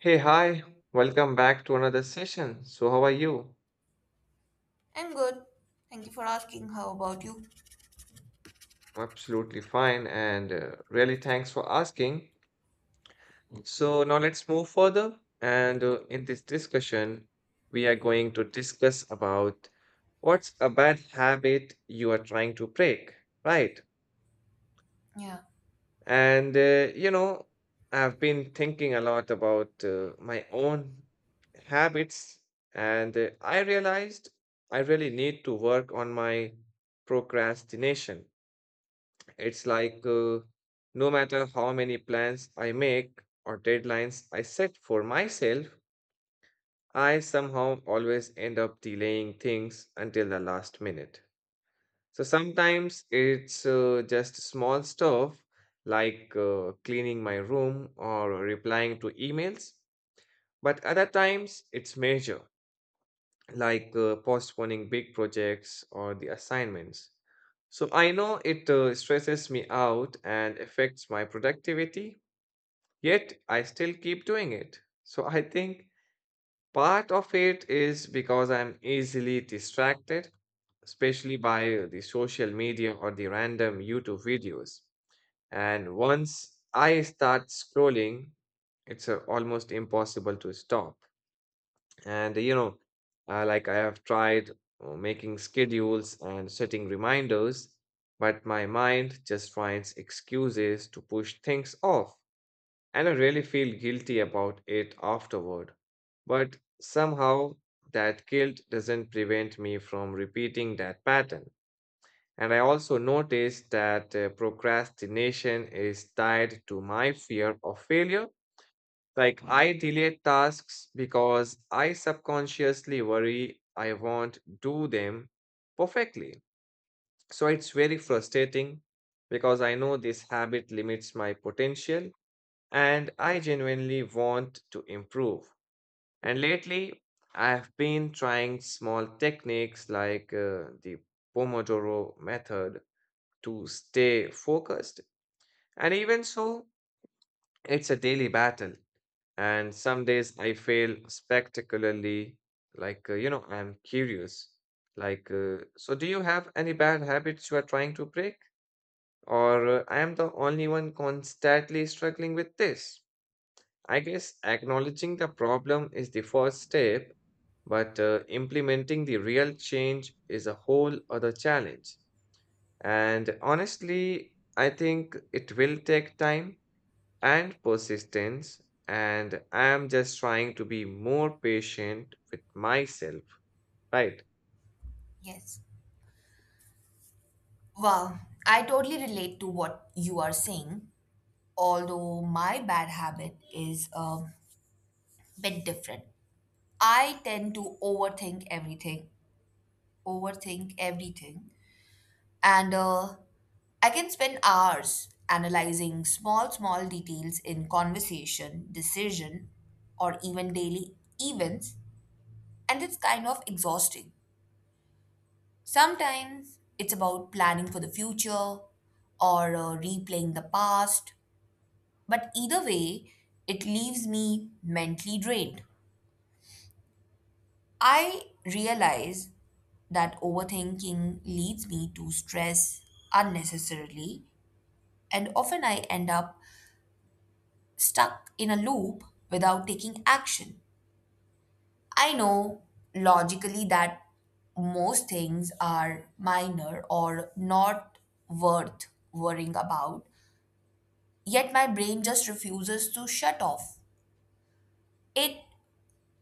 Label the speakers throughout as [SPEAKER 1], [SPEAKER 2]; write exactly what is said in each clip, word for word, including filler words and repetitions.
[SPEAKER 1] Hey, hi, welcome back to another session. So, how are you?
[SPEAKER 2] I'm good. Thank you for asking. How about you?
[SPEAKER 1] I'm absolutely fine and uh, really thanks for asking. So, now let's move further. And uh, In this discussion, we are going to discuss about what's a bad habit you are trying to break, right?
[SPEAKER 2] Yeah,
[SPEAKER 1] And, uh, you know, I've been thinking a lot about uh, my own habits, and uh, I realized I really need to work on my procrastination. It's like uh, no matter how many plans I make or deadlines I set for myself, I somehow always end up delaying things until the last minute. So sometimes it's uh, just small stuff like uh, cleaning my room or replying to emails. But other times it's major, like uh, postponing big projects or the assignments. So I know it uh, stresses me out and affects my productivity, yet I still keep doing it. So I think part of it is because I'm easily distracted, especially by the social media or the random YouTube videos. And once I start scrolling, it's uh, almost impossible to stop. And you know, uh, like I have tried uh, making schedules and setting reminders, but my mind just finds excuses to push things off. And I really feel guilty about it afterward. But somehow that guilt doesn't prevent me from repeating that pattern. And I also noticed that uh, procrastination is tied to my fear of failure. Like, I delay tasks because I subconsciously worry I won't do them perfectly. So it's very frustrating because I know this habit limits my potential and I genuinely want to improve. And lately, I've been trying small techniques like uh, the Pomodoro method to stay focused. And even so, it's a daily battle. And some days I fail spectacularly. Like, uh, you know, I'm curious. Like, uh, so do you have any bad habits you are trying to break? Or uh, I am the only one constantly struggling with this? I guess acknowledging the problem is the first step, but uh, implementing the real change is a whole other challenge. And honestly, I think it will take time and persistence, and I am just trying to be more patient with myself, right?
[SPEAKER 2] yes. Well, I totally relate to what you are saying, although my bad habit is a bit different. I tend to overthink everything, overthink everything, and uh, I can spend hours analyzing small, small details in conversation, decision, or even daily events, and it's kind of exhausting. Sometimes it's about planning for the future or uh, replaying the past, but either way, it leaves me mentally drained. I realize that overthinking leads me to stress unnecessarily, and often I end up stuck in a loop without taking action. I know logically that most things are minor or not worth worrying about, yet my brain just refuses to shut off. It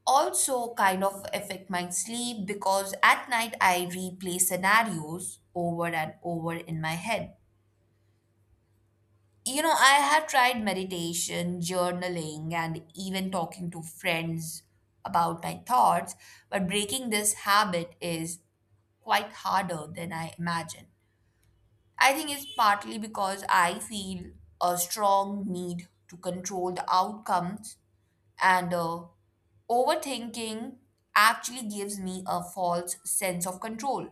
[SPEAKER 2] also kind of affect my sleep because at night I replay scenarios over and over in my head. You know, I have tried meditation, journaling, and even talking to friends about my thoughts, but breaking this habit is quite harder than I imagined. I think it's partly because I feel a strong need to control the outcomes. And uh, overthinking actually gives me a false sense of control.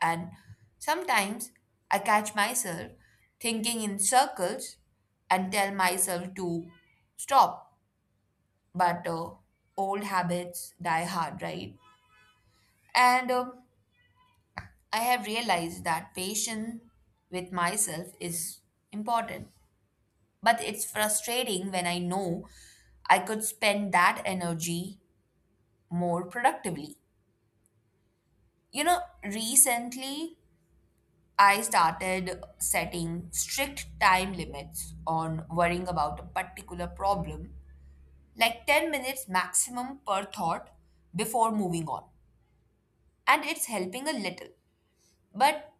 [SPEAKER 2] And sometimes I catch myself thinking in circles and tell myself to stop. But uh, old habits die hard, right? And um I have realized that patience with myself is important. But it's frustrating when I know I could spend that energy more productively. You know, recently I started setting strict time limits on worrying about a particular problem, like ten minutes maximum per thought before moving on. And it's helping a little. But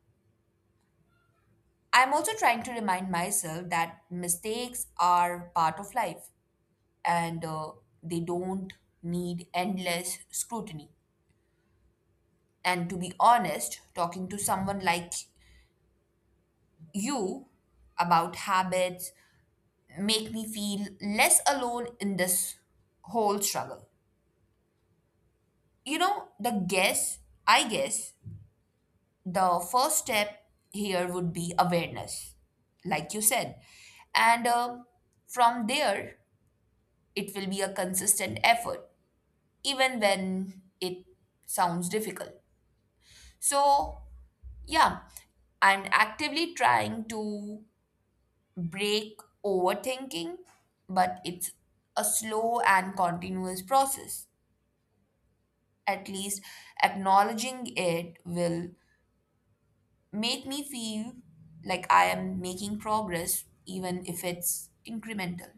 [SPEAKER 2] I'm also trying to remind myself that mistakes are part of life, and uh, they don't need endless scrutiny. And to be honest, talking to someone like you about habits make me feel less alone in this whole struggle. You know, the guess, I guess, the first step here would be awareness, like you said. And uh, from there, it will be a consistent effort, even when it sounds difficult. So, yeah, I'm actively trying to break overthinking, but it's a slow and continuous process. At least acknowledging it will make me feel like I am making progress, even if it's incremental.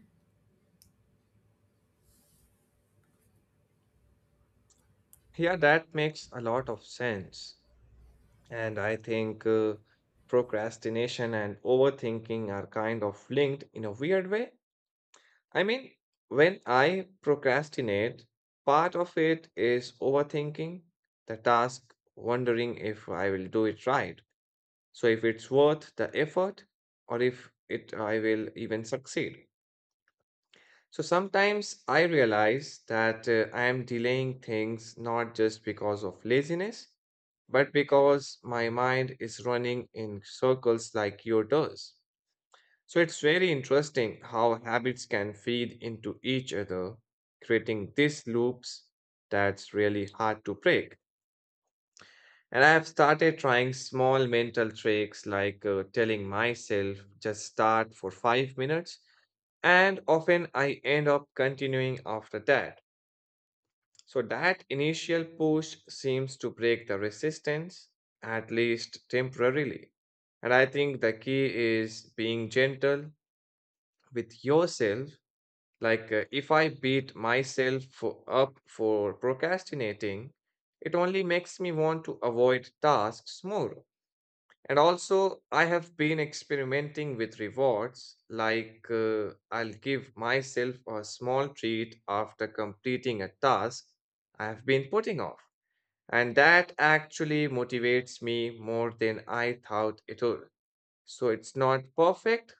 [SPEAKER 1] Yeah, that makes a lot of sense. And I think uh, procrastination and overthinking are kind of linked in a weird way. I mean, when I procrastinate, part of it is overthinking the task, wondering if I will do it right, so if it's worth the effort, or if it I will even succeed. So sometimes I realize that uh, I am delaying things not just because of laziness, but because my mind is running in circles like yours. does. So it's very interesting how habits can feed into each other, creating these loops that's really hard to break. And I have started trying small mental tricks like uh, telling myself just start for five minutes, and often I end up continuing after that. So that initial push seems to break the resistance, at least temporarily. And I think the key is being gentle with yourself. Like uh, if I beat myself for, up for procrastinating, it only makes me want to avoid tasks more. And also, I have been experimenting with rewards, like uh, I'll give myself a small treat after completing a task I have been putting off. And that actually motivates me more than I thought it would. So it's not perfect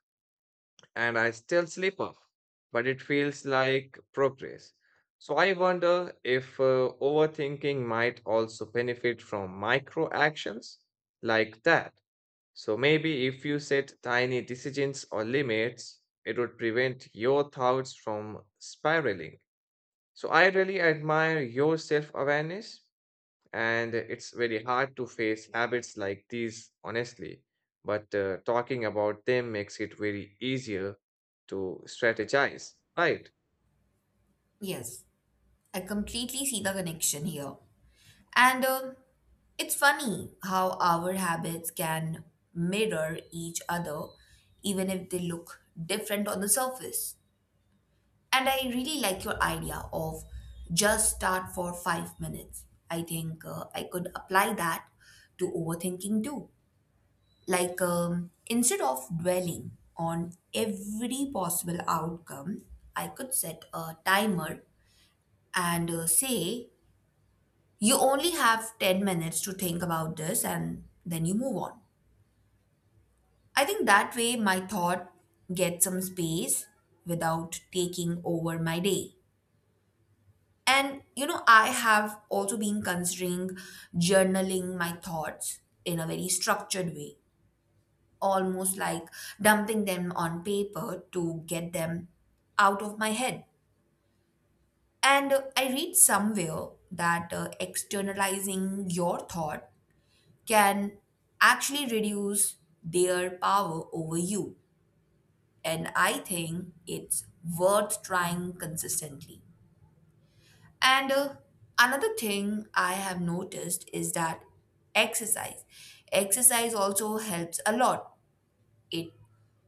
[SPEAKER 1] and I still slip up, but it feels like progress. So I wonder if uh, overthinking might also benefit from micro actions like that. So maybe if you set tiny decisions or limits, it would prevent your thoughts from spiraling. So I really admire your self awareness, and it's very hard to face habits like these, honestly. But uh, talking about them makes it very easier to strategize, right?
[SPEAKER 2] Yes, I completely see the connection here. And uh, it's funny how our habits can mirror each other, even if they look different on the surface. And I really like your idea of just start for five minutes. I think uh, I could apply that to overthinking too. Like, um, instead of dwelling on every possible outcome, I could set a timer and uh, say, you only have ten minutes to think about this and then you move on. I think that way my thought gets some space without taking over my day. And, you know, I have also been considering journaling my thoughts in a very structured way, almost like dumping them on paper to get them out of my head. And uh, I read somewhere that uh, externalizing your thought can actually reduce their power over you. And I think it's worth trying consistently. And uh, another thing I have noticed is that exercise. Exercise also helps a lot. It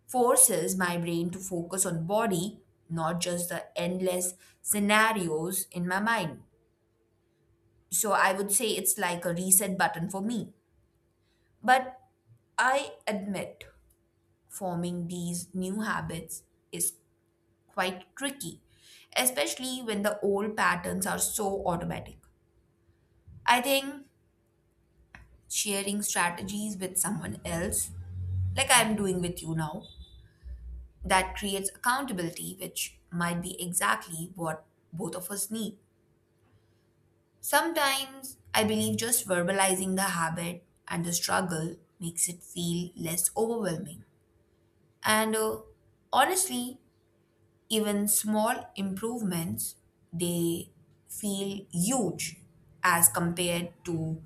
[SPEAKER 2] forces my brain to focus on body, not just the endless scenarios in my mind. So I would say it's like a reset button for me. But I admit forming these new habits is quite tricky, especially when the old patterns are so automatic. I think sharing strategies with someone else, like I'm doing with you now, that creates accountability, which might be exactly what both of us need. Sometimes I believe just verbalizing the habit and the struggle makes it feel less overwhelming. And uh, honestly, even small improvements, they feel huge as compared to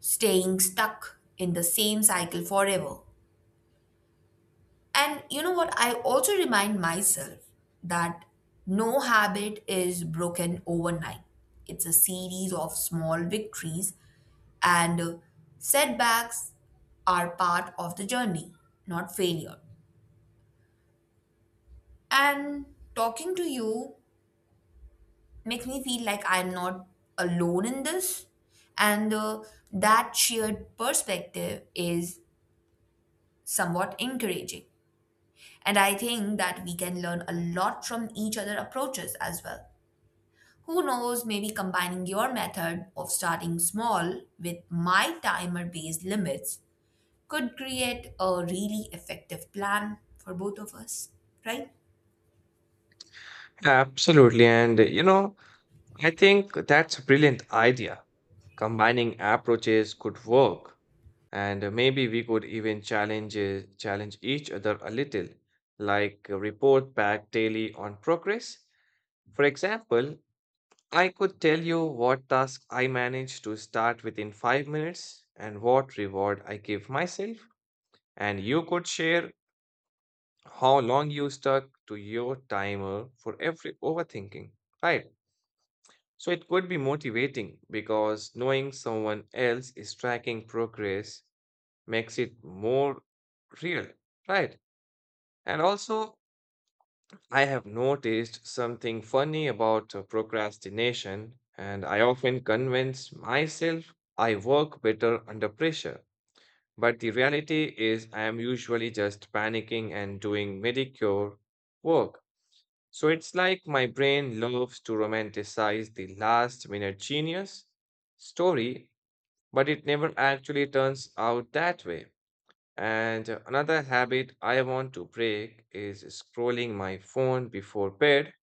[SPEAKER 2] staying stuck in the same cycle forever. And you know what? I also remind myself that no habit is broken overnight. It's a series of small victories, and setbacks are part of the journey, not failure. And talking to you makes me feel like I'm not alone in this, and uh, that shared perspective is somewhat encouraging. And I think that we can learn a lot from each other approaches as well. Who knows, maybe combining your method of starting small with my timer based limits could create a really effective plan for both of us, right?
[SPEAKER 1] Absolutely. And you know, I think that's a brilliant idea. Combining approaches could work. And uh, maybe we could even challenge uh, challenge each other a little, like uh, report back daily on progress. For example, I could tell you what task I managed to start within five minutes and what reward I give myself. And you could share how long you stuck to your timer for every overthinking, right? So it could be motivating because knowing someone else is tracking progress makes it more real, right? And also, I have noticed something funny about uh, procrastination, and I often convince myself I work better under pressure. But the reality is, I am usually just panicking and doing mediocre work. So it's like my brain loves to romanticize the last minute genius story, but it never actually turns out that way. And uh, another habit I want to break is scrolling my phone before bed,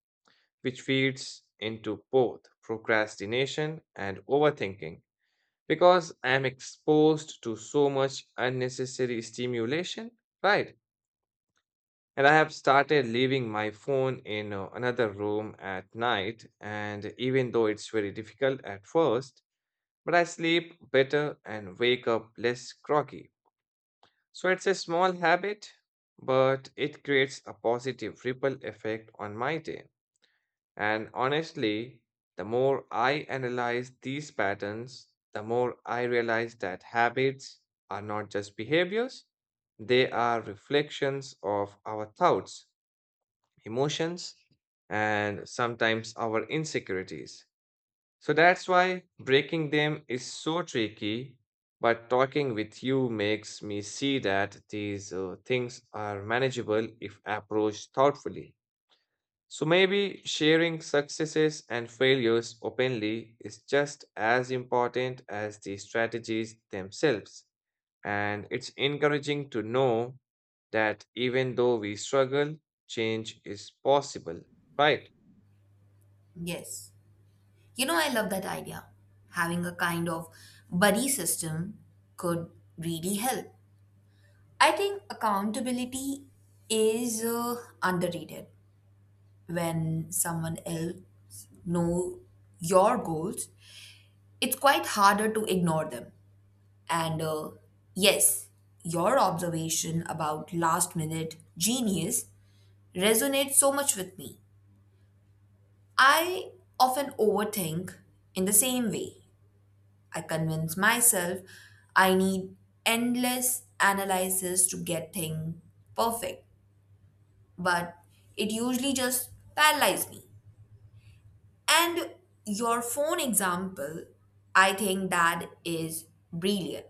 [SPEAKER 1] which feeds into both procrastination and overthinking because I am exposed to so much unnecessary stimulation, right? And I have started leaving my phone in uh, another room at night, and even though it's very difficult at first, but I sleep better and wake up less groggy. So it's a small habit, but it creates a positive ripple effect on my day. And honestly, the more I analyze these patterns, the more I realize that habits are not just behaviors, they are reflections of our thoughts, emotions, and sometimes our insecurities. So that's why breaking them is so tricky. But talking with you makes me see that these uh, things are manageable if approached thoughtfully. So maybe sharing successes and failures openly is just as important as the strategies themselves. And it's encouraging to know that even though we struggle, change is possible, right?
[SPEAKER 2] Yes. You know, I love that idea. Having a kind of buddy system could really help. I think accountability is uh, underrated. When someone else know your goals, it's quite harder to ignore them. And uh, yes, your observation about last minute genius resonates so much with me. I often overthink in the same way. I convince myself I need endless analysis to get things perfect, but it usually just paralyzes me. And your phone example, I think that is brilliant.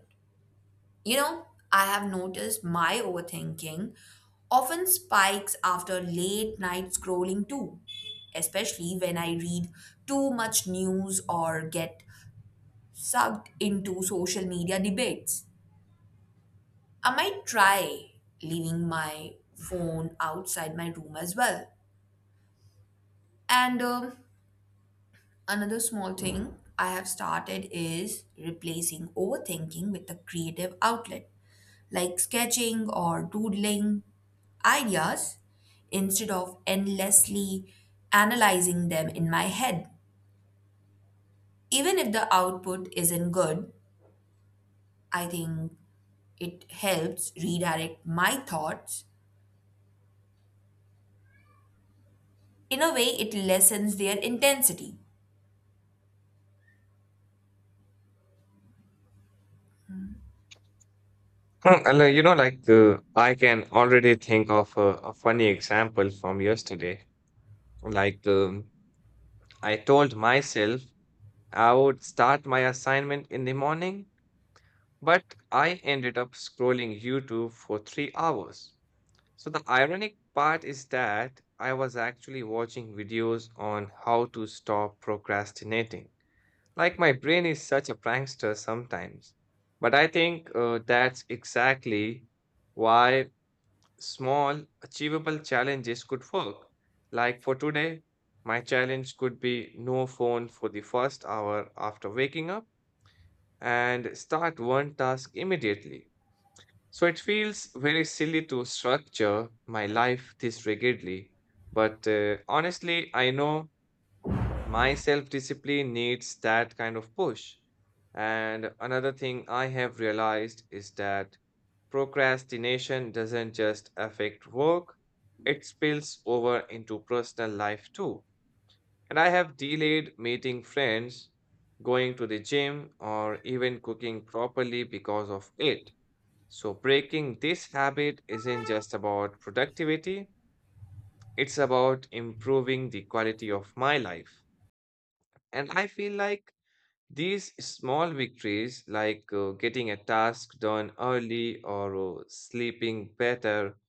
[SPEAKER 2] You know, I have noticed my overthinking often spikes after late night scrolling too, especially when I read too much news or get sucked into social media debates. I might try leaving my phone outside my room as well. And um, another small thing I have started is replacing overthinking with a creative outlet like sketching or doodling ideas instead of endlessly analyzing them in my head. Even if the output isn't good, I think it helps redirect my thoughts. In a way, it lessens their intensity.
[SPEAKER 1] Hmm, and, uh, You know, like uh, I can already think of a, a funny example from yesterday. Like, um, I told myself I would start my assignment in the morning, but I ended up scrolling YouTube for three hours. So the ironic part is that I was actually watching videos on how to stop procrastinating. Like, my brain is such a prankster sometimes. But I think uh, that's exactly why small, achievable challenges could work. Like, for today, my challenge could be no phone for the first hour after waking up and start one task immediately. So it feels very silly to structure my life this rigidly. But uh, honestly, I know my self discipline needs that kind of push. And another thing I have realized is that procrastination doesn't just affect work, it spills over into personal life too. And I have delayed meeting friends, going to the gym, or even cooking properly because of it. So, breaking this habit isn't just about productivity, it's about improving the quality of my life. And I feel like these small victories, like uh, getting a task done early or uh, sleeping better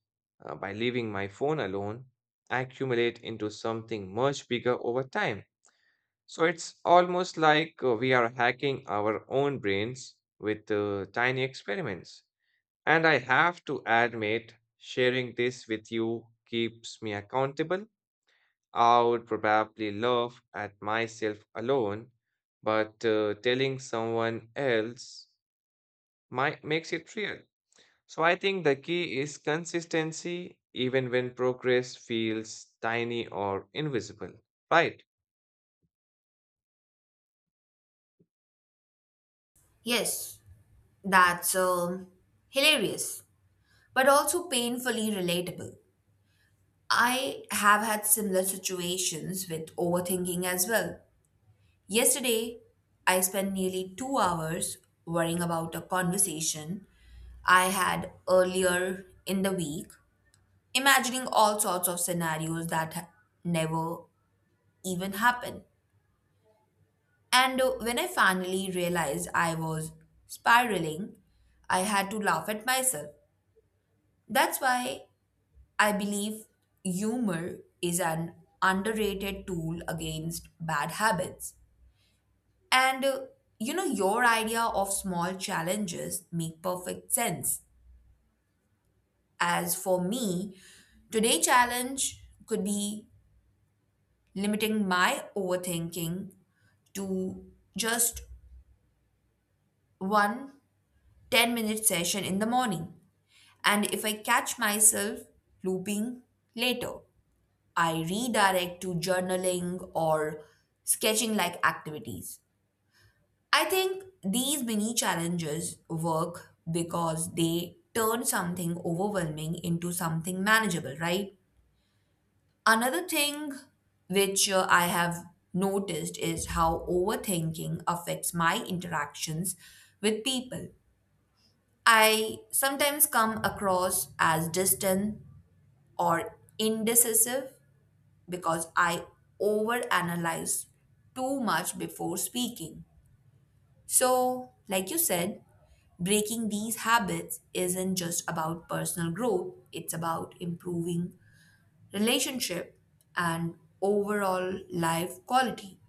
[SPEAKER 1] uh, by leaving my phone alone, accumulate into something much bigger over time. So, it's almost like uh, we are hacking our own brains with uh, tiny experiments. And I have to admit, sharing this with you keeps me accountable. I would probably laugh at myself alone, but uh, telling someone else might makes it real. So I think the key is consistency, even when progress feels tiny or invisible. Right?
[SPEAKER 2] Yes, that's um, hilarious. but also painfully relatable. I have had similar situations with overthinking as well. Yesterday, I spent nearly two hours worrying about a conversation I had earlier in the week, imagining all sorts of scenarios that ha- never even happened. And uh, when I finally realized I was spiraling, I had to laugh at myself. That's why I believe humor is an underrated tool against bad habits. And uh, you know, your idea of small challenges make perfect sense. As for me, today challenge could be limiting my overthinking to just one ten minute session in the morning. And if I catch myself looping later, I redirect to journaling or sketching like activities. I think these mini challenges work because they turn something overwhelming into something manageable, right? Another thing which uh, I have noticed is how overthinking affects my interactions with people. I sometimes come across as distant or indecisive because I overanalyze too much before speaking. So, like you said, breaking these habits isn't just about personal growth, it's about improving relationship and overall life quality.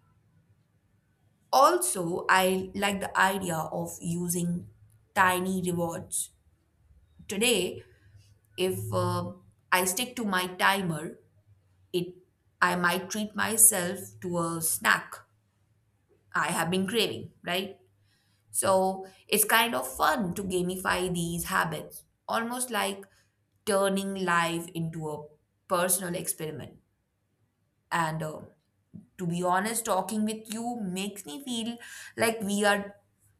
[SPEAKER 2] Also, I like the idea of using tiny rewards. Today, if uh, I stick to my timer, it I might treat myself to a snack I have been craving, right? So it's kind of fun to gamify these habits, almost like turning life into a personal experiment. And uh, to be honest, talking with you makes me feel like we are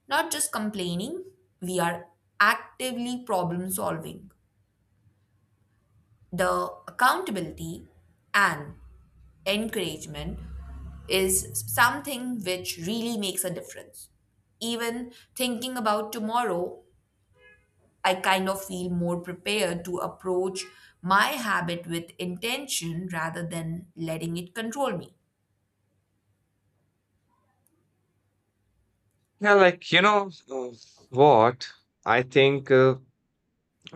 [SPEAKER 2] not just complaining, we are actively problem solving. The accountability and encouragement is something which really makes a difference. Even thinking about tomorrow, I kind of feel more prepared to approach my habit with intention rather than letting it control me.
[SPEAKER 1] Yeah, like, you know, uh, what? I think uh,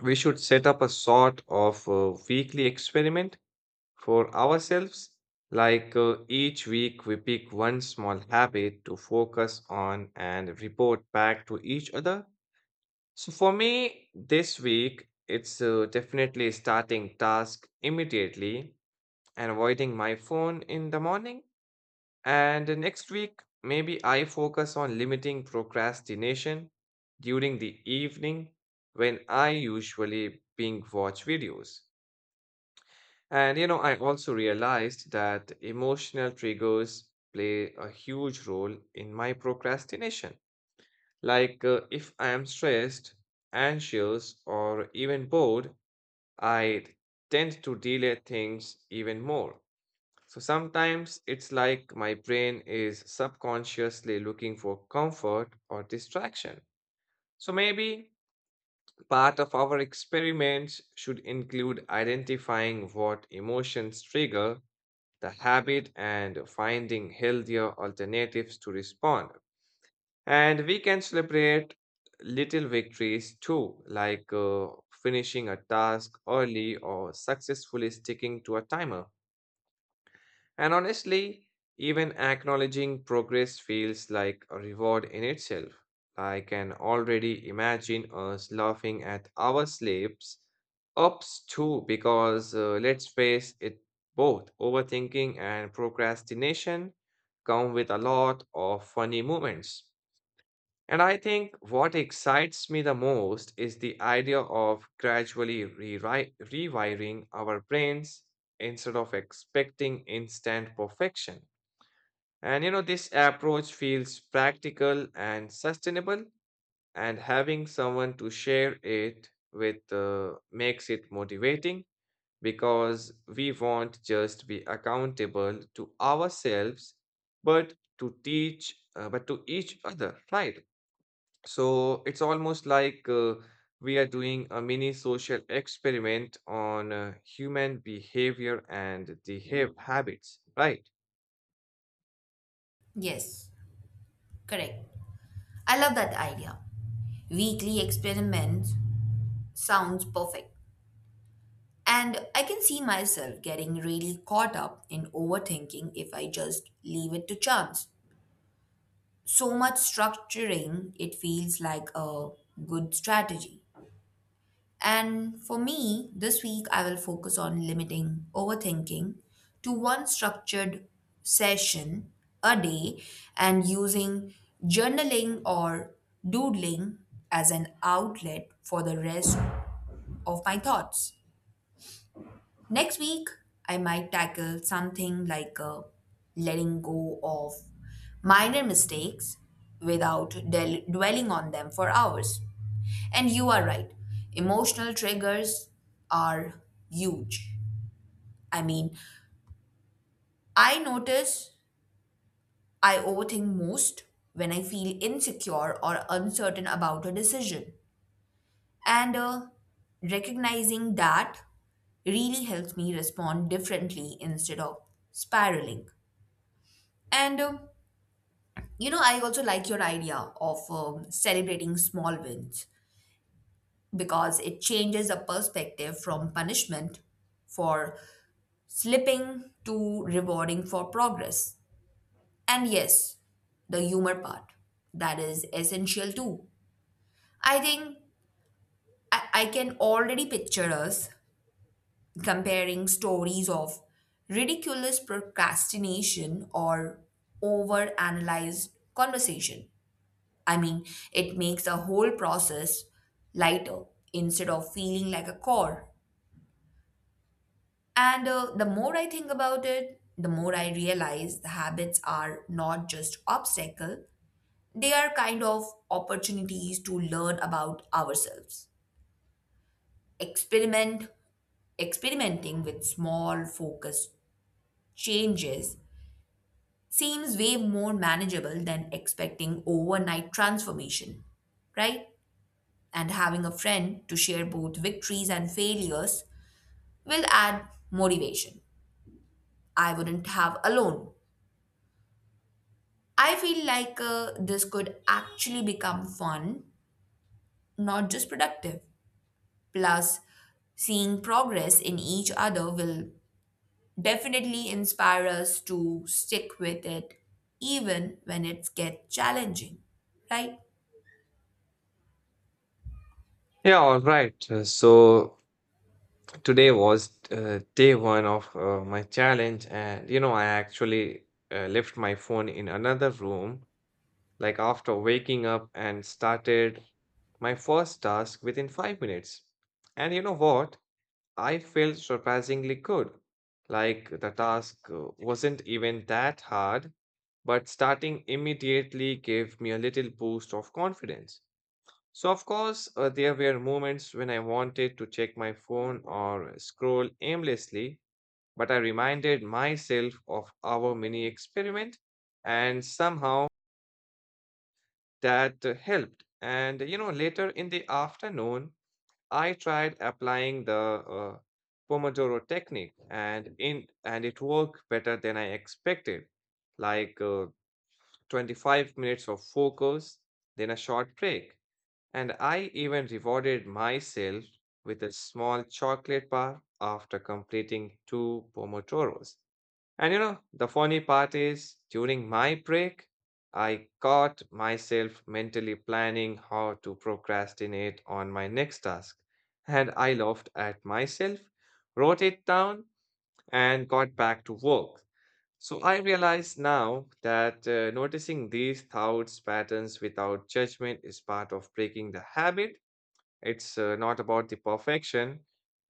[SPEAKER 1] we should set up a sort of uh, weekly experiment for ourselves. Like, uh, each week we pick one small habit to focus on and report back to each other. So, for me, this week, it's uh, definitely starting task immediately and avoiding my phone in the morning. And uh, next week, maybe I focus on limiting procrastination during the evening when I usually binge watch videos. And you know, I also realized that emotional triggers play a huge role in my procrastination. Like uh, if I am stressed, anxious, or even bored, I tend to delay things even more. So sometimes it's like my brain is subconsciously looking for comfort or distraction. So maybe part of our experiments should include identifying what emotions trigger the habit and finding healthier alternatives to respond. And we can celebrate little victories too, like uh, finishing a task early or successfully sticking to a timer. And honestly, even acknowledging progress feels like a reward in itself. I can already imagine us laughing at our slips, ups too, because uh, let's face it, both overthinking and procrastination come with a lot of funny moments. And I think what excites me the most is the idea of gradually rewri- rewiring our brains instead of expecting instant perfection. And you know, this approach feels practical and sustainable, and having someone to share it with uh, makes it motivating because we won't just be accountable to ourselves, but to teach, uh, but to each other, right? So it's almost like uh, we are doing a mini social experiment on uh, human behavior and the hab- habits, right?
[SPEAKER 2] Yes, correct. I love that idea. Weekly experiments sounds perfect. And I can see myself getting really caught up in overthinking if I just leave it to chance. So much structuring, it feels like a good strategy. And for me, this week I will focus on limiting overthinking to one structured session a day and using journaling or doodling as an outlet for the rest of my thoughts. Next week, I might tackle something like uh, letting go of minor mistakes without del- dwelling on them for hours. And you are right, emotional triggers are huge. I mean, I notice I overthink most when I feel insecure or uncertain about a decision. And uh, recognizing that really helps me respond differently instead of spiraling. And um, you know, I also like your idea of um, celebrating small wins because it changes the perspective from punishment for slipping to rewarding for progress. And yes, the humor part, that is essential too. I think I, I can already picture us comparing stories of ridiculous procrastination or overanalyzed conversation. I mean, it makes the whole process lighter instead of feeling like a chore. And uh, the more I think about it, the more I realize the habits are not just obstacle, they are kind of opportunities to learn about ourselves. Experiment, experimenting with small focused changes seems way more manageable than expecting overnight transformation, right? And having a friend to share both victories and failures will add motivation I wouldn't have alone. I feel like uh, this could actually become fun, not just productive. Plus, seeing progress in each other will definitely inspire us to stick with it even when it gets challenging, right?
[SPEAKER 1] Yeah, all right. Uh, So today was uh, day one of uh, my challenge, and you know, I actually uh, left my phone in another room, like after waking up, and started my first task within five minutes. And you know what? I felt surprisingly good. Like the task uh, wasn't even that hard, but starting immediately gave me a little boost of confidence. So, of course, uh, there were moments when I wanted to check my phone or scroll aimlessly, but I reminded myself of our mini experiment, and somehow that uh, helped. And you know, later in the afternoon, I tried applying the uh, Pomodoro technique and in and it worked better than I expected. Like uh, twenty-five minutes of focus, then a short break. And I even rewarded myself with a small chocolate bar after completing two Pomodoros. And you know, the funny part is during my break, I caught myself mentally planning how to procrastinate on my next task. And I laughed at myself, wrote it down, and got back to work. So I realize now that uh, noticing these thoughts patterns without judgment is part of breaking the habit. It's uh, not about the perfection,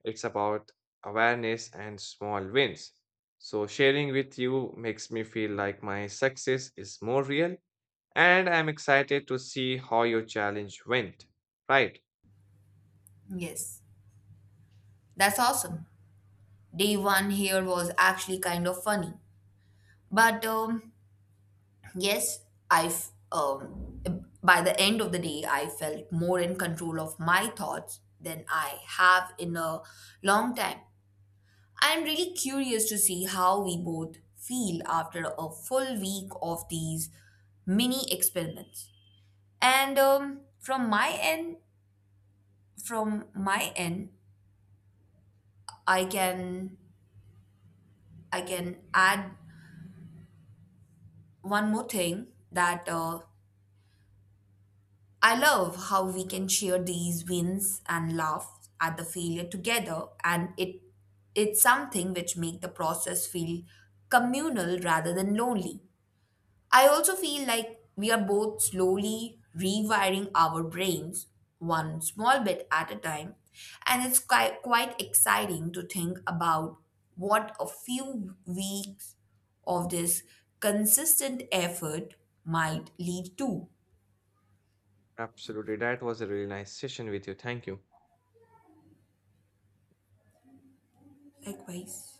[SPEAKER 1] it's about awareness and small wins. So, sharing with you makes me feel like my success is more real, and I'm excited to see how your challenge went. Right.
[SPEAKER 2] Yes, that's awesome. Day one here was actually kind of funny, but um, yes, I f- um, by the end of the day, I felt more in control of my thoughts than I have in a long time. I'm really curious to see how we both feel after a full week of these mini experiments. And um, from my end, from my end, I can I can add one more thing that uh, I love how we can share these wins and laugh at the failure together, and it it's something which make the process feel communal rather than lonely. I also feel like we are both slowly rewiring our brains one small bit at a time, and it's quite, quite exciting to think about what a few weeks of this consistent effort might lead to.
[SPEAKER 1] Absolutely. That was a really nice session with you. Thank you.
[SPEAKER 2] Likewise.